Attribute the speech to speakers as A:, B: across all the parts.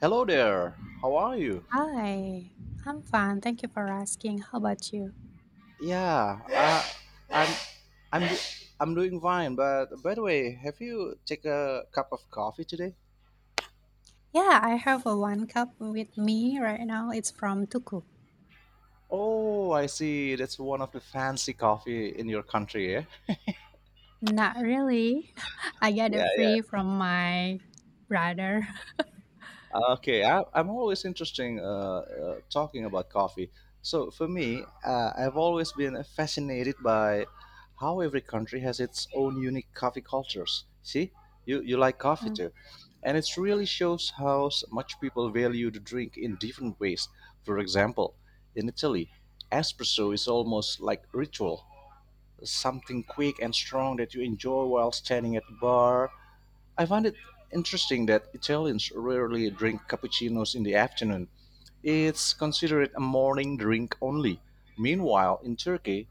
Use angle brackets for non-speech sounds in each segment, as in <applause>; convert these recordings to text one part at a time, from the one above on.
A: Hello there. How are you?
B: Hi, I'm fine. Thank you for asking. How about you?
A: Yeah, uh, I'm I'm do- I'm doing fine. But by the way, have you take a cup of coffee today?
B: Yeah, I have a one cup with me right now. It's from Tuku.
A: Oh, I see. That's one of the fancy coffee in your country, eh?
B: Not really. <laughs> I get
A: Yeah,
B: it
A: yeah.
B: free from my brother. <laughs>
A: Okay, I'm always interesting talking about coffee. So for me, I've always been fascinated by how every country has its own unique coffee cultures. See, you like coffee
B: Mm.
A: too, and it really shows how much people value the drink in different ways. For example, in Italy, espresso is almost like ritual, something quick and strong that you enjoy while standing at the bar. I find it interesting that Italians rarely drink cappuccinos in the afternoon. It's considered a morning drink only. Meanwhile, in Turkey,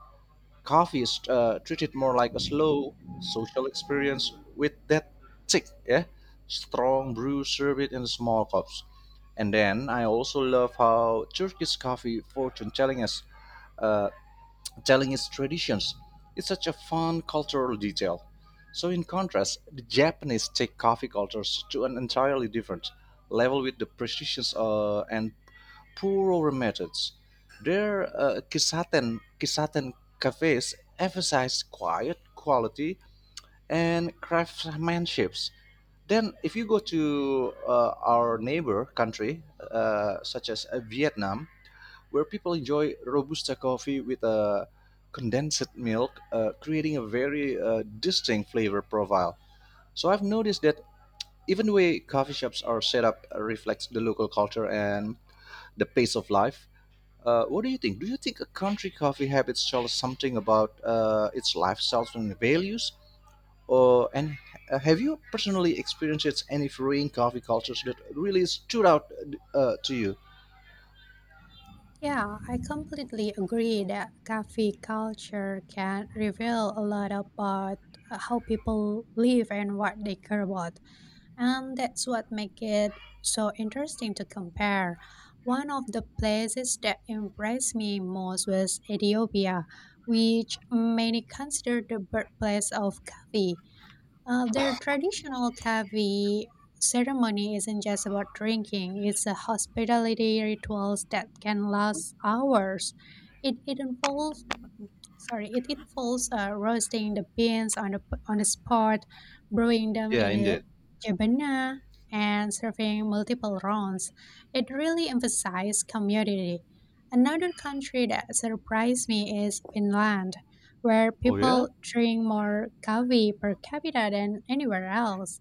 A: coffee is treated more like a slow social experience with that thick, yeah, strong brew served in small cups. And then I also love how Turkish coffee fortune telling us uh, telling its traditions, it's such a fun cultural detail. So, in contrast, the Japanese take coffee cultures to an entirely different level with the precision and purer methods. Their kisaten cafes emphasize quiet, quality, and craftsmanship. Then, if you go to our neighbor country, such as Vietnam, where people enjoy Robusta coffee with a condensed milk, creating a very distinct flavor profile. So I've noticed that even the way coffee shops are set up reflects the local culture and the pace of life. What do you think? Do you think a country coffee habits tell us something about its lifestyles and values? Or and have you personally experienced any varying coffee cultures that really stood out to you?
B: Yeah, I completely agree that coffee culture can reveal a lot about how people live and what they care about. And that's what makes it so interesting to compare. One of the places that impressed me most was Ethiopia, which many consider the birthplace of coffee. Their traditional coffee ceremony isn't just about drinking, it's a hospitality rituals that can last hours. It, it involves it involves roasting the beans on a spot, brewing them
A: Yeah,
B: in a
A: indeed.
B: jebana, and serving multiple rounds. It really emphasizes community. Another country that surprised me is Finland, where
A: Oh yeah.
B: people drink more coffee per capita than anywhere else.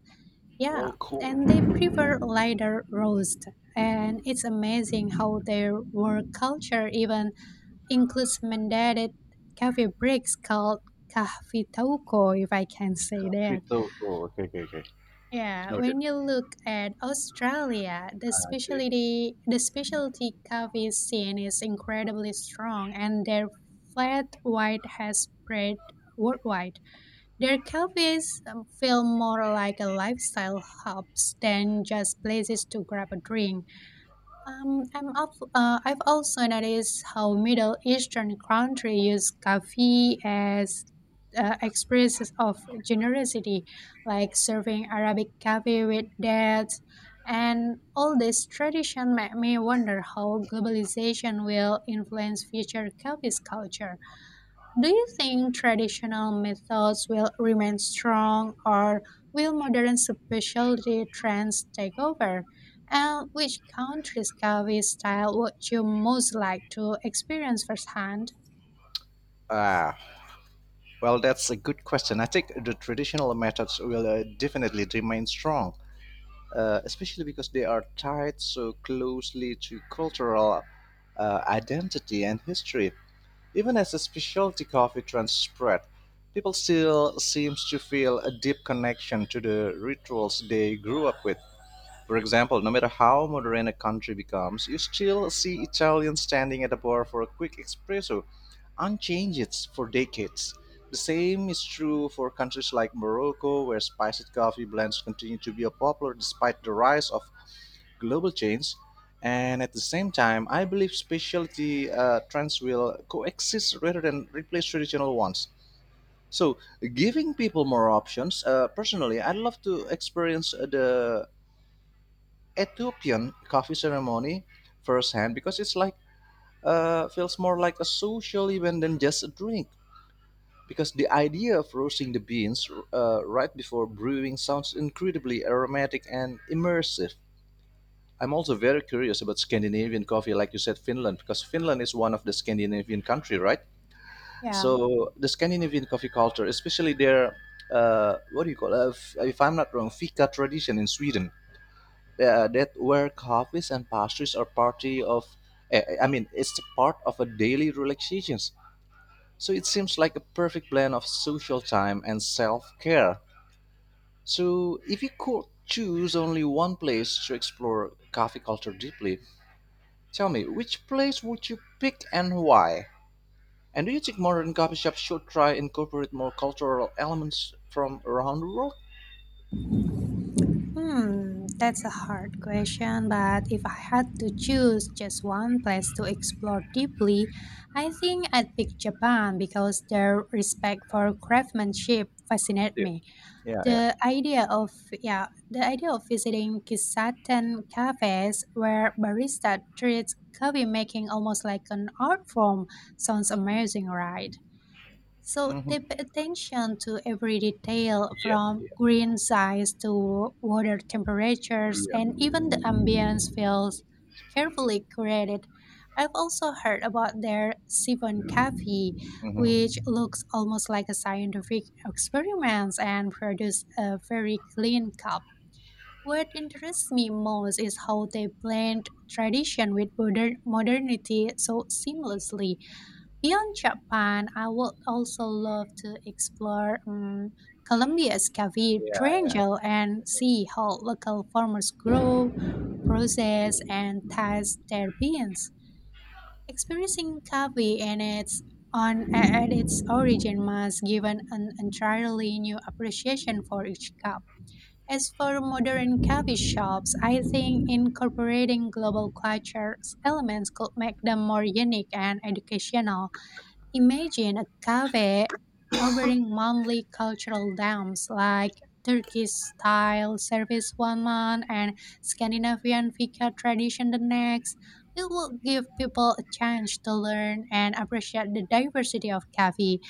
B: Yeah,
A: Oh, cool.
B: and they prefer lighter roast. And it's amazing how their work culture even includes mandated coffee breaks called coffee kahvitauko, if I can say that.
A: Okay,
B: Yeah,
A: noted.
B: when you look at Australia, the
A: I see.
B: specialty the specialty coffee scene is incredibly strong, and their flat white has spread worldwide. Their cafes feel more like a lifestyle hubs than just places to grab a drink. I've also noticed how Middle Eastern countries use coffee as expressions of generosity, like serving Arabic coffee with dates. And all this tradition make me wonder how globalization will influence future coffee's culture. Do you think traditional methods will remain strong, or will modern specialty trends take over? And which country's Kavi style would you most like to experience firsthand?
A: Ah, well, that's a good question. I think the traditional methods will definitely remain strong, especially because they are tied so closely to cultural identity and history. Even as a specialty coffee trend spread, people still seems to feel a deep connection to the rituals they grew up with. For example, no matter how modern a country becomes, you still see Italians standing at a bar for a quick espresso, unchanged for decades. The same is true for countries like Morocco, where spiced coffee blends continue to be popular despite the rise of global chains. And at the same time, I believe specialty trends will coexist rather than replace traditional ones. So, giving people more options. Personally, I'd love to experience the Ethiopian coffee ceremony firsthand because it's like feels more like a social event than just a drink. Because the idea of roasting the beans right before brewing sounds incredibly aromatic and immersive. I'm also very curious about Scandinavian coffee, like you said, Finland, because Finland is one of the Scandinavian country, right?
B: Yeah,
A: So the Scandinavian coffee culture, especially their what do you call if I'm not wrong, fika tradition in Sweden, that where coffees and pastries are party of, I mean it's part of a daily relaxations. So it seems like a perfect blend of social time and self-care. So if you could choose only one place to explore coffee culture deeply, tell me, which place would you pick and why? And do you think modern coffee shops should try incorporate more cultural elements from around the world?
B: that's a hard question, but if I had to choose just one place to explore deeply, I think I'd pick Japan because their respect for craftsmanship fascinates me.
A: Yeah, yeah.
B: The idea of yeah, the idea of visiting kisaten cafes where barista treats coffee making almost like an art form sounds amazing, right? So
A: Hmm.
B: they pay attention to every detail
A: Yeah.
B: from green size to water temperatures, and even the ambience feels carefully created. I've also heard about their Siphon Cafe,
A: Hmm.
B: which looks almost like a scientific experiment and produce a very clean cup. What interests me most is how they blend tradition with modernity so seamlessly. Beyond Japan, I would also love to explore Colombia's cafe
A: Yeah.
B: triangle and see how local farmers grow, process, and taste their beans. Experiencing coffee and its on at its origin must give an entirely new appreciation for each cup. As for modern coffee shops, I think incorporating global culture elements could make them more unique and educational. Imagine a cafe offering monthly cultural dams like Turkish style service 1 month, and Scandinavian fika tradition the next. It will give people a chance to learn and appreciate the diversity of cafe.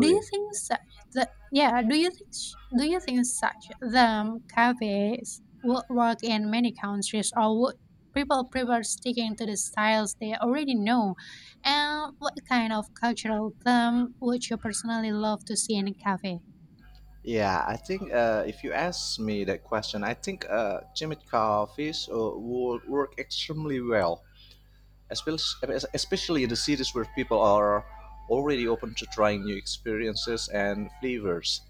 B: Do you think such the yeah, do you think do you think such the cafes would work in many countries, or would people prefer sticking to the styles they already know? And what kind of cultural term would you personally love to see in a cafe?
A: Yeah, I think if you ask me that question, I think Chimichanga fish will work extremely well, especially especially in the cities where people are already open to trying new experiences and flavors.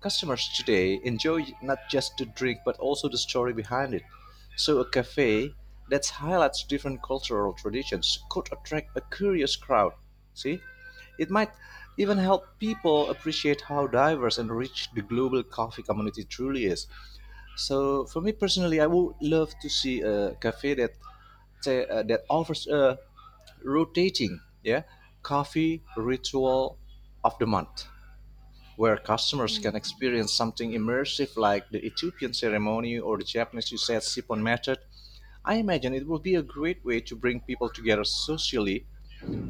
A: Customers today enjoy not just the drink but also the story behind it. So, a cafe that highlights different cultural traditions could attract a curious crowd. See? It might even help people appreciate how diverse and rich the global coffee community truly is. So, for me personally, I would love to see a cafe that say, that offers a rotating, yeah, coffee ritual of the month, where customers can
B: Mm.
A: experience something immersive like the Ethiopian ceremony or the Japanese Usagi Shippon method. I imagine it would be a great way to bring people together socially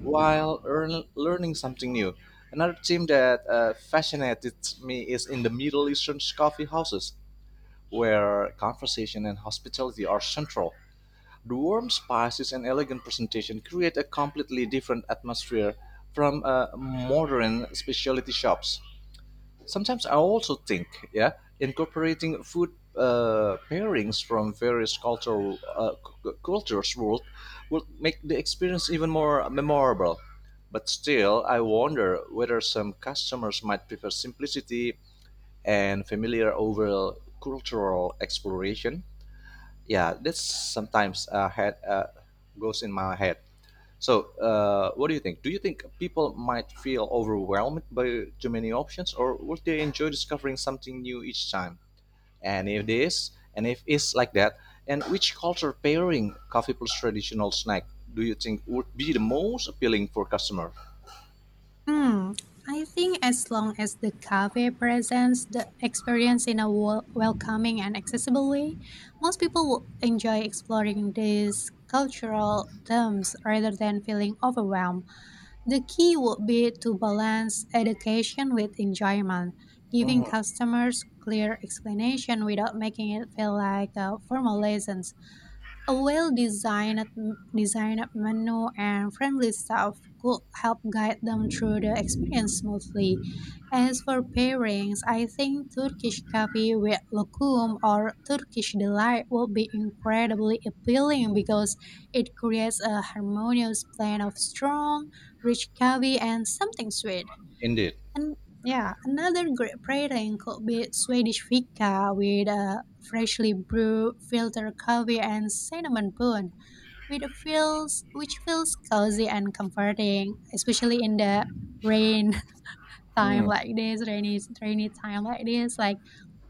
A: while learning something new. Another theme that fascinated me is in the Middle Eastern coffee houses, where conversation and hospitality are central. The warm spices and elegant presentation create a completely different atmosphere from modern specialty shops. Sometimes I also think, yeah, incorporating food pairings from various cultural cultures would make the experience even more memorable. But still, I wonder whether some customers might prefer simplicity and familiar over cultural exploration. Yeah, that's sometimes goes in my head. So, what do you think? Do you think people might feel overwhelmed by too many options, or would they enjoy discovering something new each time? And if it's like that, and which culture pairing, coffee plus traditional snack, do you think would be the most appealing for customer?
B: Hmm, I think as long as the cafe presents the experience in a welcoming and accessible way, most people will enjoy exploring these cultural terms rather than feeling overwhelmed. The key would be to balance education with enjoyment, giving
A: Mhm.
B: customers clear explanation without making it feel like a formal lesson. A well-designed designed menu and friendly staff could help guide them through the experience smoothly. As for pairings, I think Turkish coffee with lokum or Turkish delight will be incredibly appealing because it creates a harmonious blend of strong, rich coffee and something sweet.
A: Indeed.
B: And yeah, another great pairing could be Swedish fika with a freshly brewed filter coffee and cinnamon bun, with a feels which feels cozy and comforting, especially in the rain rainy time like this. Like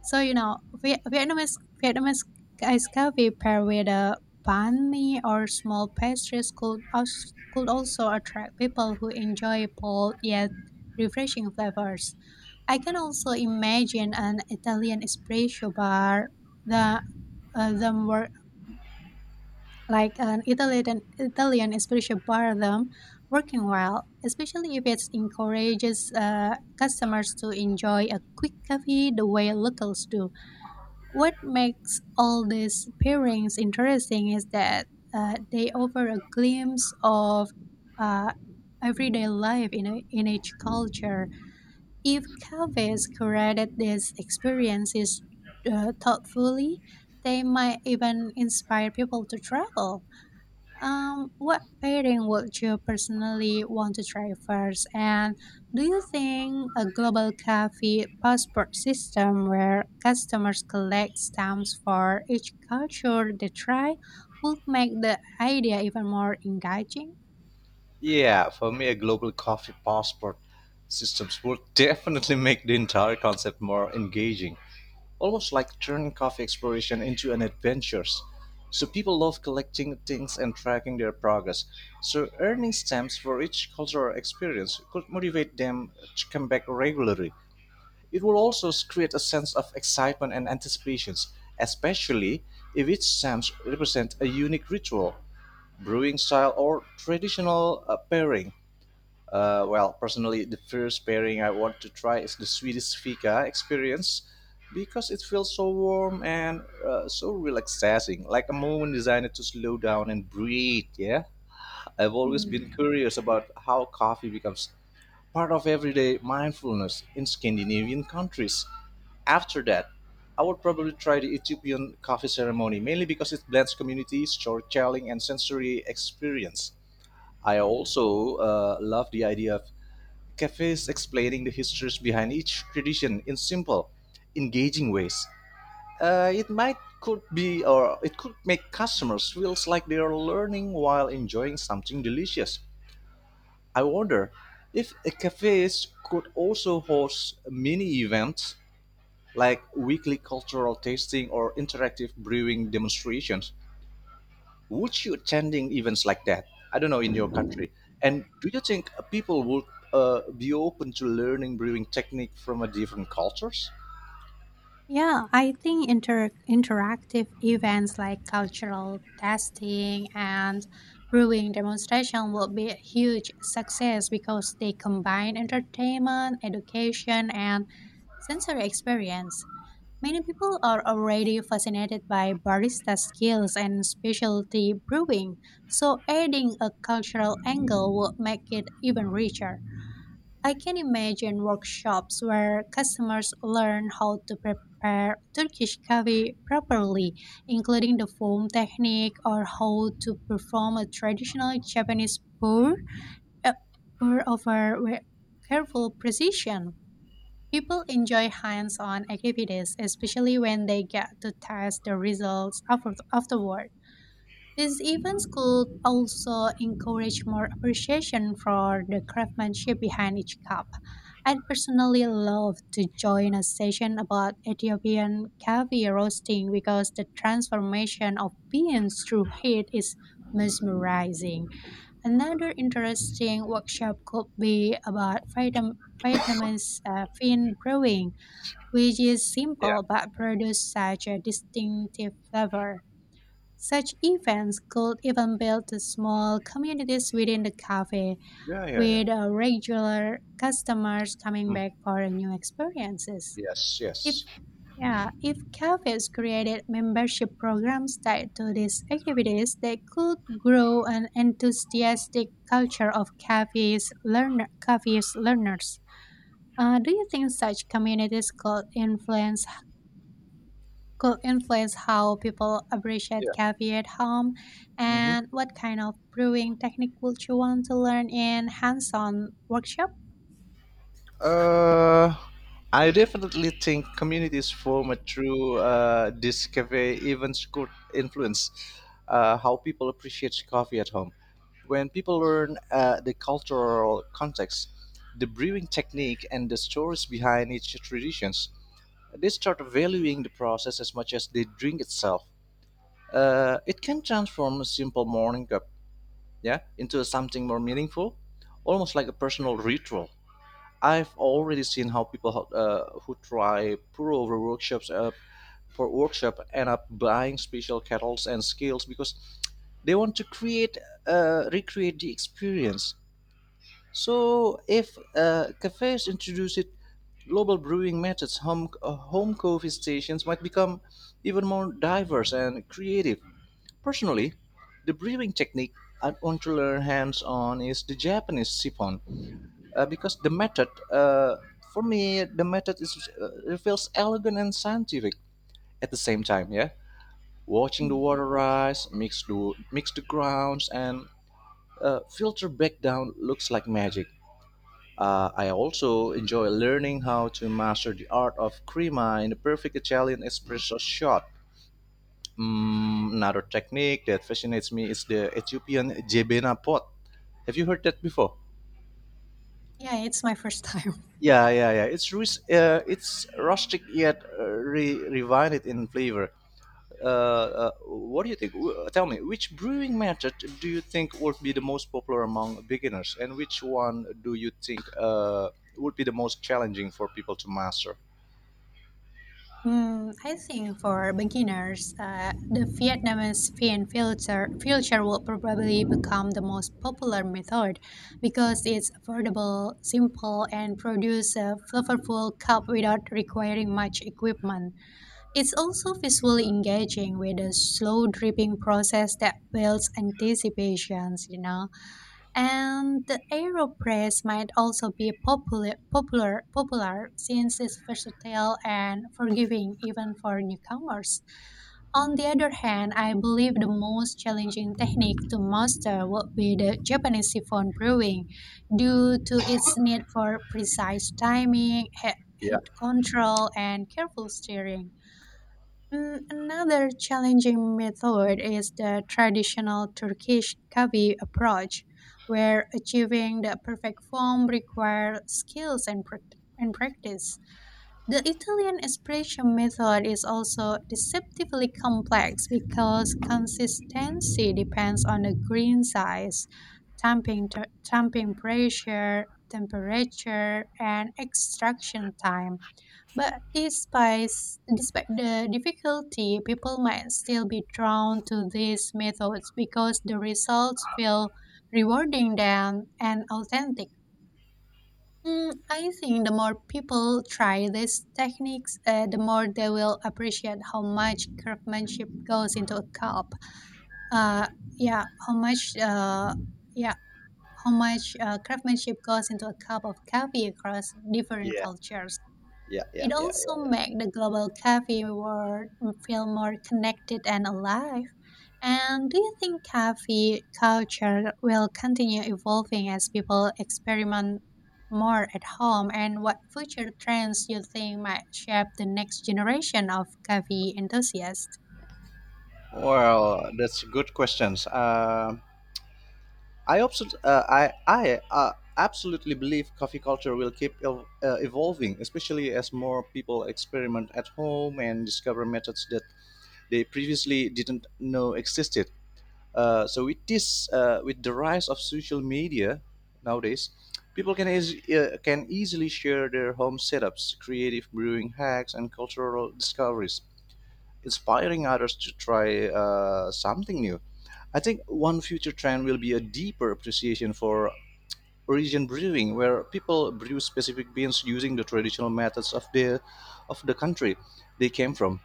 B: so, Vietnamese ice coffee paired with a banh mi or small pastries could also attract people who enjoy bold yet refreshing flavors. I can also imagine an Italian espresso bar, the them like an Italian espresso bar them working well, especially if it encourages customers to enjoy a quick coffee the way locals do. What makes all these pairings interesting is that they offer a glimpse of uh, everyday life in each culture. If cafes curated these experiences thoughtfully, they might even inspire people to travel. What pairing would you personally want to try first? And do you think a global coffee passport system, where customers collect stamps for each culture they try, would make the idea even more engaging?
A: Yeah, for me, a global coffee passport systems would <laughs> definitely make the entire concept more engaging, almost like turning coffee exploration into an adventure. So people love collecting things and tracking their progress. So earning stamps for each cultural experience could motivate them to come back regularly. It will also create a sense of excitement and anticipations, especially if each stamp represents a unique ritual, brewing style, or traditional pairing. Well, personally, the first pairing I want to try is the Swedish Fika experience because it feels so warm and so relaxing, like a moment designed to slow down and breathe. Yeah, I've always
B: Hmm.
A: been curious about how coffee becomes part of everyday mindfulness in Scandinavian countries. After that, I would probably try the Ethiopian coffee ceremony, mainly because it blends community, storytelling, and sensory experience. I also love the idea of cafes explaining the histories behind each tradition in simple, engaging ways. It might could be or it could make customers feels like they are learning while enjoying something delicious. I wonder if a cafes could also host mini events like weekly cultural tasting or interactive brewing demonstrations. Would you attending events like that, I don't know, in your country? And do you think people would be open to learning brewing technique from a different cultures?
B: Yeah, I think interactive events like cultural testing and brewing demonstration will be a huge success because they combine entertainment, education, and sensory experience. Many people are already fascinated by barista skills and specialty brewing, so adding a cultural angle would make it even richer. I can imagine workshops where customers learn how to prepare Turkish coffee properly, including the foam technique, or how to perform a traditional Japanese uh, pour over with careful precision. People enjoy hands on activities, especially when they get to test the results afterward. These events could also encourage more appreciation for the craftsmanship behind each cup. I'd personally love to join a session about Ethiopian coffee roasting because the transformation of beans through heat is mesmerizing. Another interesting workshop could be about Vietnamese fin brewing, which is
A: Yeah,
B: simple but produces such a distinctive flavor. Such events could even build the small communities within the cafe,
A: yeah, yeah, yeah.
B: with regular customers coming
A: Mm.
B: back for new experiences.
A: Yes,
B: If
A: yes.
B: yeah, if cafes created membership programs tied to these activities, they could grow an enthusiastic culture of cafes learners. Do you think such communities could influence how people appreciate
A: Yeah.
B: coffee at home,
A: Hmm.
B: and what kind of brewing technique would you want to learn in hands-on workshop?
A: Uh, I definitely think communities form through this cafe events could influence how people appreciate coffee at home. When people learn the cultural context, the brewing technique, and the stories behind each traditions, they start valuing the process as much as the drink itself. It can transform a simple morning cup, yeah, into something more meaningful, almost like a personal ritual. I've already seen how people who try pour over workshops for workshop end up buying special kettles and scales because they want to create recreate the experience. So if cafes introduce it, global brewing methods, home coffee stations might become even more diverse and creative. Personally, the brewing technique I want to learn hands-on is the Japanese siphon, because the method for me the method is, it feels elegant and scientific at the same time. Yeah, watching the
B: Mm,
A: water rise, mix the grounds and filter back down looks like magic. I also enjoy learning how to master the art of crema in the perfect Italian espresso shot. Mm, another technique that fascinates me is the Ethiopian jebena pot. Have you heard that before?
B: yeah, it's my first time. <laughs>
A: Yeah, yeah, yeah. It's rustic yet refined in flavor. What do you think? Tell me, which brewing method do you think would be the most popular among beginners, and which one do you think would be the most challenging for people to master?
B: I think for beginners, the Vietnamese fin filter filter will probably become the most popular method because it's affordable, simple, and produce a flavorful cup without requiring much equipment. It's also visually engaging with a slow dripping process that builds anticipations, you know. And the AeroPress might also be popular since it's versatile and forgiving even for newcomers. On the other hand, I believe the most challenging technique to master would be the Japanese siphon brewing, due to its need for precise timing, head,
A: Yeah,
B: head control, and careful stirring. Another challenging method is the traditional Turkish kavi approach, where achieving the perfect form requires skills and practice. The Italian espresso method is also deceptively complex because consistency depends on the green size, tamping pressure, temperature, and extraction time. But despite the difficulty, people might still be drawn to these methods because the results feel rewarding than and authentic. I think the more people try these techniques, the more they will appreciate how much craftsmanship goes into a cup. Uh, yeah, how much, uh, yeah, how much craftsmanship goes into a cup of coffee across different
A: yeah,
B: cultures.
A: yeah, yeah,
B: It
A: yeah.
B: also makes the global cafe world feel more connected and alive. And do you think cafe culture will continue evolving as people experiment more at home? And what future trends you think might shape the next generation of cafe enthusiasts?
A: Yeah. Well, that's good questions. I absolutely believe coffee culture will keep evolving, especially as more people experiment at home and discover methods that they previously didn't know existed. With the rise of social media nowadays, people can can easily share their home setups, creative brewing hacks, and cultural discoveries, inspiring others to try something new. I think one future trend will be a deeper appreciation for origin brewing, where people brew specific beers using the traditional methods of the country they came from.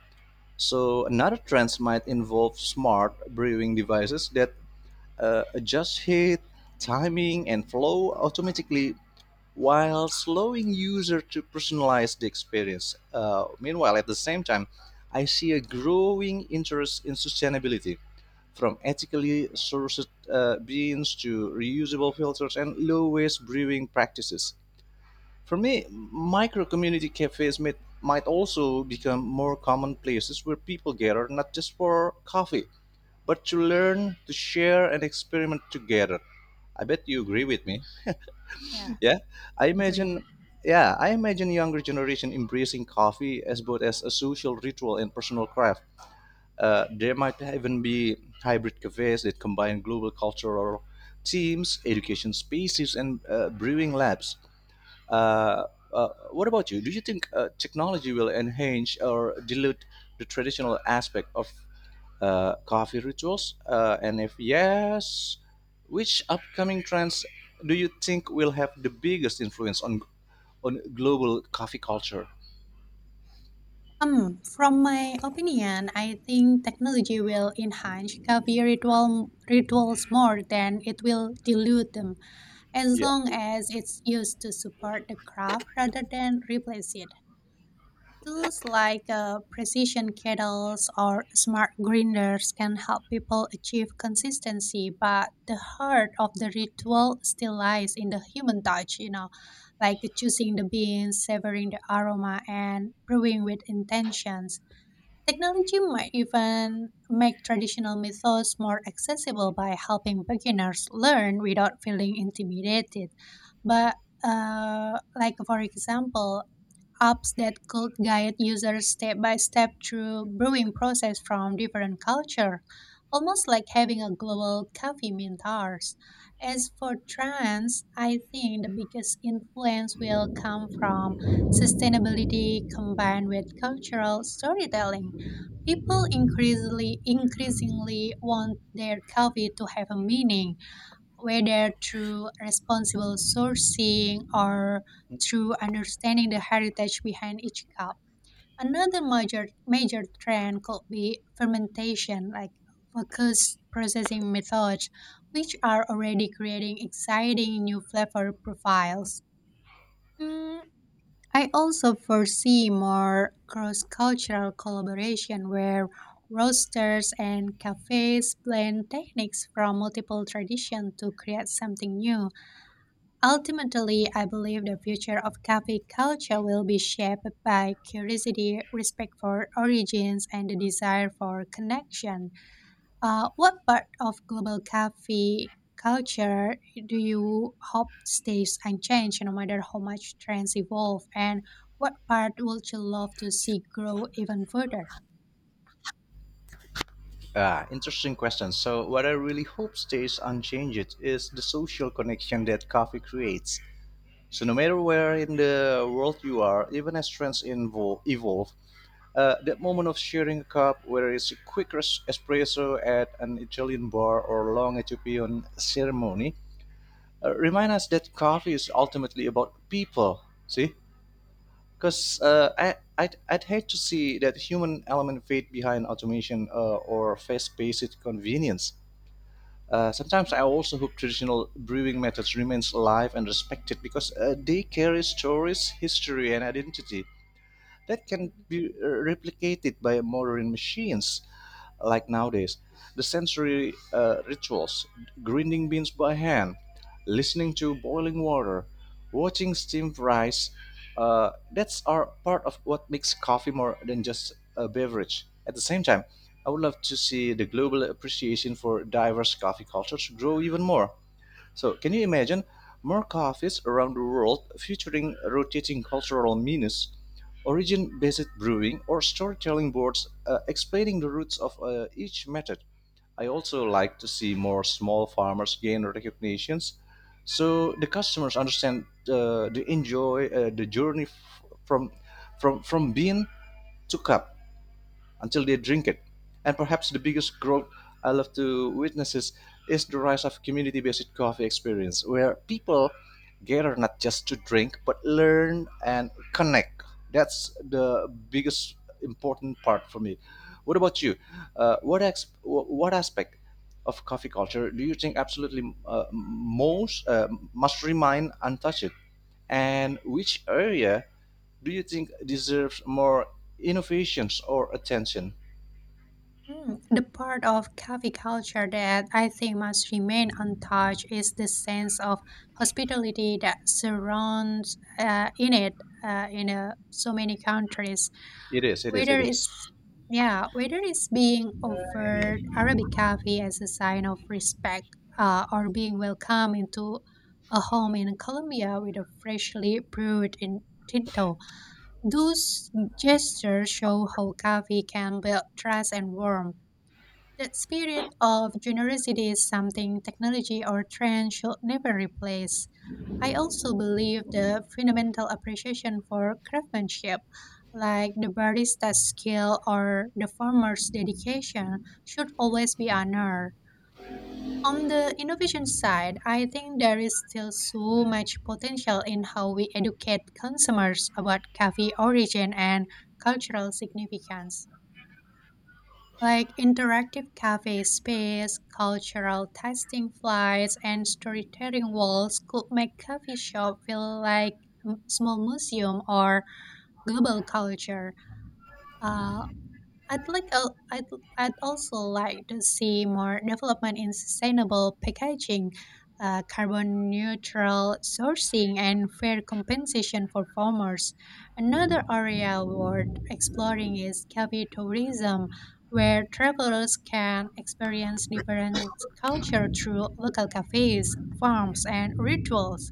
A: So another trend might involve smart brewing devices that adjust heat, timing, and flow automatically while slowing user to personalize the experience. Meanwhile, at the same time, I see a growing interest in sustainability from ethically sourced beans to reusable filters and low waste brewing practices. For me, micro community cafes might also become more common places where people gather not just for coffee, but to learn, to share, and experiment together. I bet you agree with me.
B: Yeah,
A: <laughs> Yeah, I
B: I agree.
A: imagine. Yeah, I imagine younger generation embracing coffee as both as a social ritual and personal craft. There might even be hybrid cafes that combine global cultural teams, education spaces, and brewing labs. Uh, what about you? Do you think technology will enhance or dilute the traditional aspect of coffee rituals? And if yes, which upcoming trends do you think will have the biggest influence on global coffee culture?
B: From my opinion, I think technology will enhance coffee rituals more than it will dilute them, as long as it's used to support the craft rather than replace it. Tools like precision kettles or smart grinders can help people achieve consistency, but the heart of the ritual still lies in the human touch, you know, like choosing the beans, savoring the aroma, and brewing with intentions. Technology might even make traditional methods more accessible by helping beginners learn without feeling intimidated. But like, for example, apps that could guide users step by step through brewing process from different culture, almost like having a global coffee mentors. As for trends, I think the biggest influence will come from sustainability combined with cultural storytelling. People increasingly want their coffee to have a meaning, whether through responsible sourcing or through understanding the heritage behind each cup. Another major trend could be fermentation, like focused processing methods, which are already creating exciting new flavor profiles. Mm, I also foresee more cross-cultural collaboration where roasters and cafes blend techniques from multiple traditions to create something new. Ultimately, I believe the future of cafe culture will be shaped by curiosity, respect for origins, and the desire for connection. What part of global cafe culture do you hope stays unchanged no matter how much trends evolve? And what part would you love to see grow even further?
A: Ah, interesting question. So, what I really hope stays unchanged is the social connection that coffee creates. So, no matter where in the world you are, even as evolve, that moment of sharing a cup, whether it's a quick espresso at an Italian bar or a long Ethiopian ceremony, remind us that coffee is ultimately about people. See? Because I'd hate to see that human element fade behind automation or fast paced convenience. Sometimes
B: Yeah.
A: I also hope traditional brewing methods remains alive and respected because they carry stories, history, and identity that can be replicated by modern machines like nowadays. The sensory rituals, grinding beans by hand, listening to boiling water, watching steam rise, that's are part of what makes coffee more than just a beverage. At the same time, I would love to see the global appreciation for diverse coffee cultures grow even more. So, can you imagine more cafes around the world featuring rotating cultural menus, origin based brewing, or storytelling boards explaining the roots of each method? I also like to see more small farmers gain recognitions so the customers understand they enjoy the journey from bean to cup until they drink it. And perhaps the biggest growth I love to witness is the rise of community based coffee experience, where people gather not just to drink, but learn and connect. That's the biggest important part for me. What about you? What aspect of coffee culture do you think absolutely most must remain untouched? And which area do you think deserves more innovations or attention?
B: The part of cafe culture that I think must remain untouched is the sense of hospitality that surrounds in so many countries.
A: It is. It is. It
B: Whether
A: is.
B: it's yeah, whether it's being offered Arabic coffee as a sign of respect, or being welcomed into a home in Colombia with a freshly brewed in Tinto, those gestures show how coffee can build trust and warmth. That spirit of generosity is something technology or trend should never replace. I also believe the fundamental appreciation for craftsmanship, like the barista's skill or the farmer's dedication, should always be honored. On the innovation side, I think there is still so much potential in how we educate consumers about coffee origin and cultural significance, like interactive cafe space, cultural tasting flights, and storytelling walls could make coffee shop feel like a small museum or global culture. Uh, I'd like al- I'd, I'd also like to see more development in sustainable packaging, carbon neutral sourcing, and fair compensation for farmers. Another area worth exploring is cafe tourism, where travelers can experience different culture through local cafes, farms, and rituals.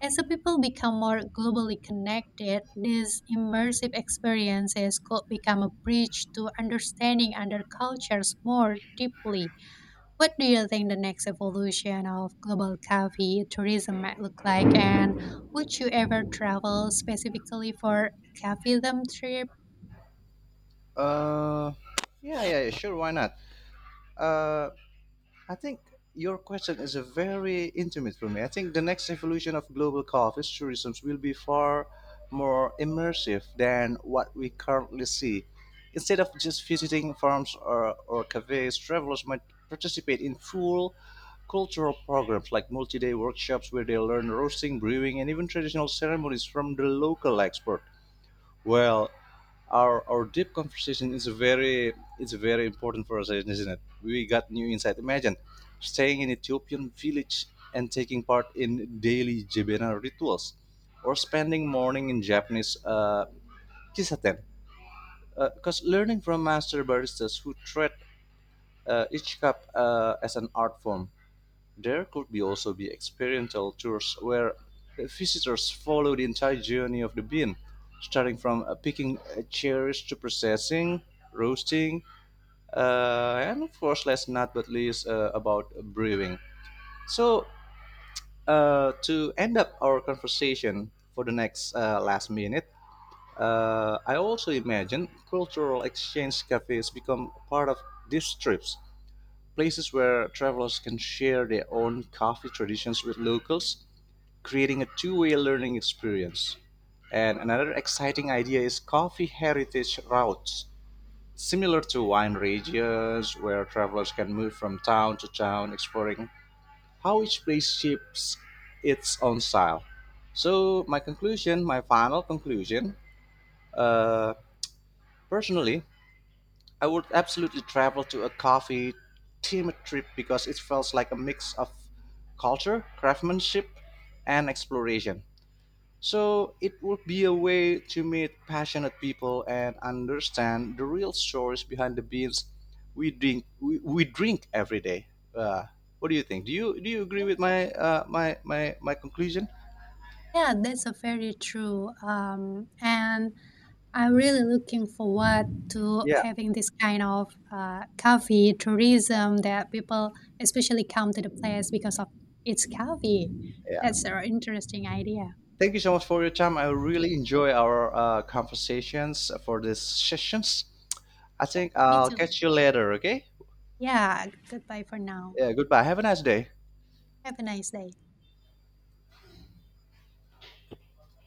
B: As the people become more globally connected, these immersive experiences could become a bridge to understanding other cultures more deeply. What do you think the next evolution of global coffee tourism might look like? And would you ever travel specifically for coffeeism trip?
A: Uh, yeah, yeah, yeah, sure. Why not? Uh, I think your question is a very intimate for me. I think the next evolution of global coffee tourism will be far more immersive than what we currently see. Instead of just visiting farms or cafes, travelers might participate in full cultural programs like multi-day workshops where they learn roasting, brewing, and even traditional ceremonies from the local expert. Well, our deep conversation is a very it's very important for us, isn't it? We got new insight. Imagine staying in Ethiopian village and taking part in daily Jebena rituals, or spending morning in Japanese kisaten. Because learning from master baristas who treat each cup as an art form there could be also be experiential tours where visitors follow the entire journey of the bean, starting from picking cherries to processing, roasting, and of course, last not but least, about brewing. So, to end up our conversation for the next last minute, I also imagine cultural exchange cafes become part of these trips, places where travelers can share their own coffee traditions with locals creating a two-way learning experience. And another exciting idea is coffee heritage routes, similar to wine regions where travelers can move from town to town exploring how each place shapes its own style. So, my conclusion, my final conclusion, uh, personally, I would absolutely travel to a coffee themed trip because it feels like a mix of culture, craftsmanship, and exploration. So it would be a way to meet passionate people and understand the real stories behind the beans we drink every day. Uh, what do you think? Do you agree
B: Yeah,
A: with my my conclusion?
B: yeah, that's a very true. And I'm really looking forward to
A: Yeah,
B: having this kind of coffee tourism, that people especially come to the place because of its coffee.
A: yeah.
B: That's an interesting idea.
A: Thank you so much for your time. I really enjoy our conversations for these sessions. I
B: Yeah,
A: think
B: me
A: I'll
B: too.
A: catch you later. Okay.
B: Yeah, goodbye for now.
A: Yeah. Goodbye. Have a nice day.
B: Have a nice day.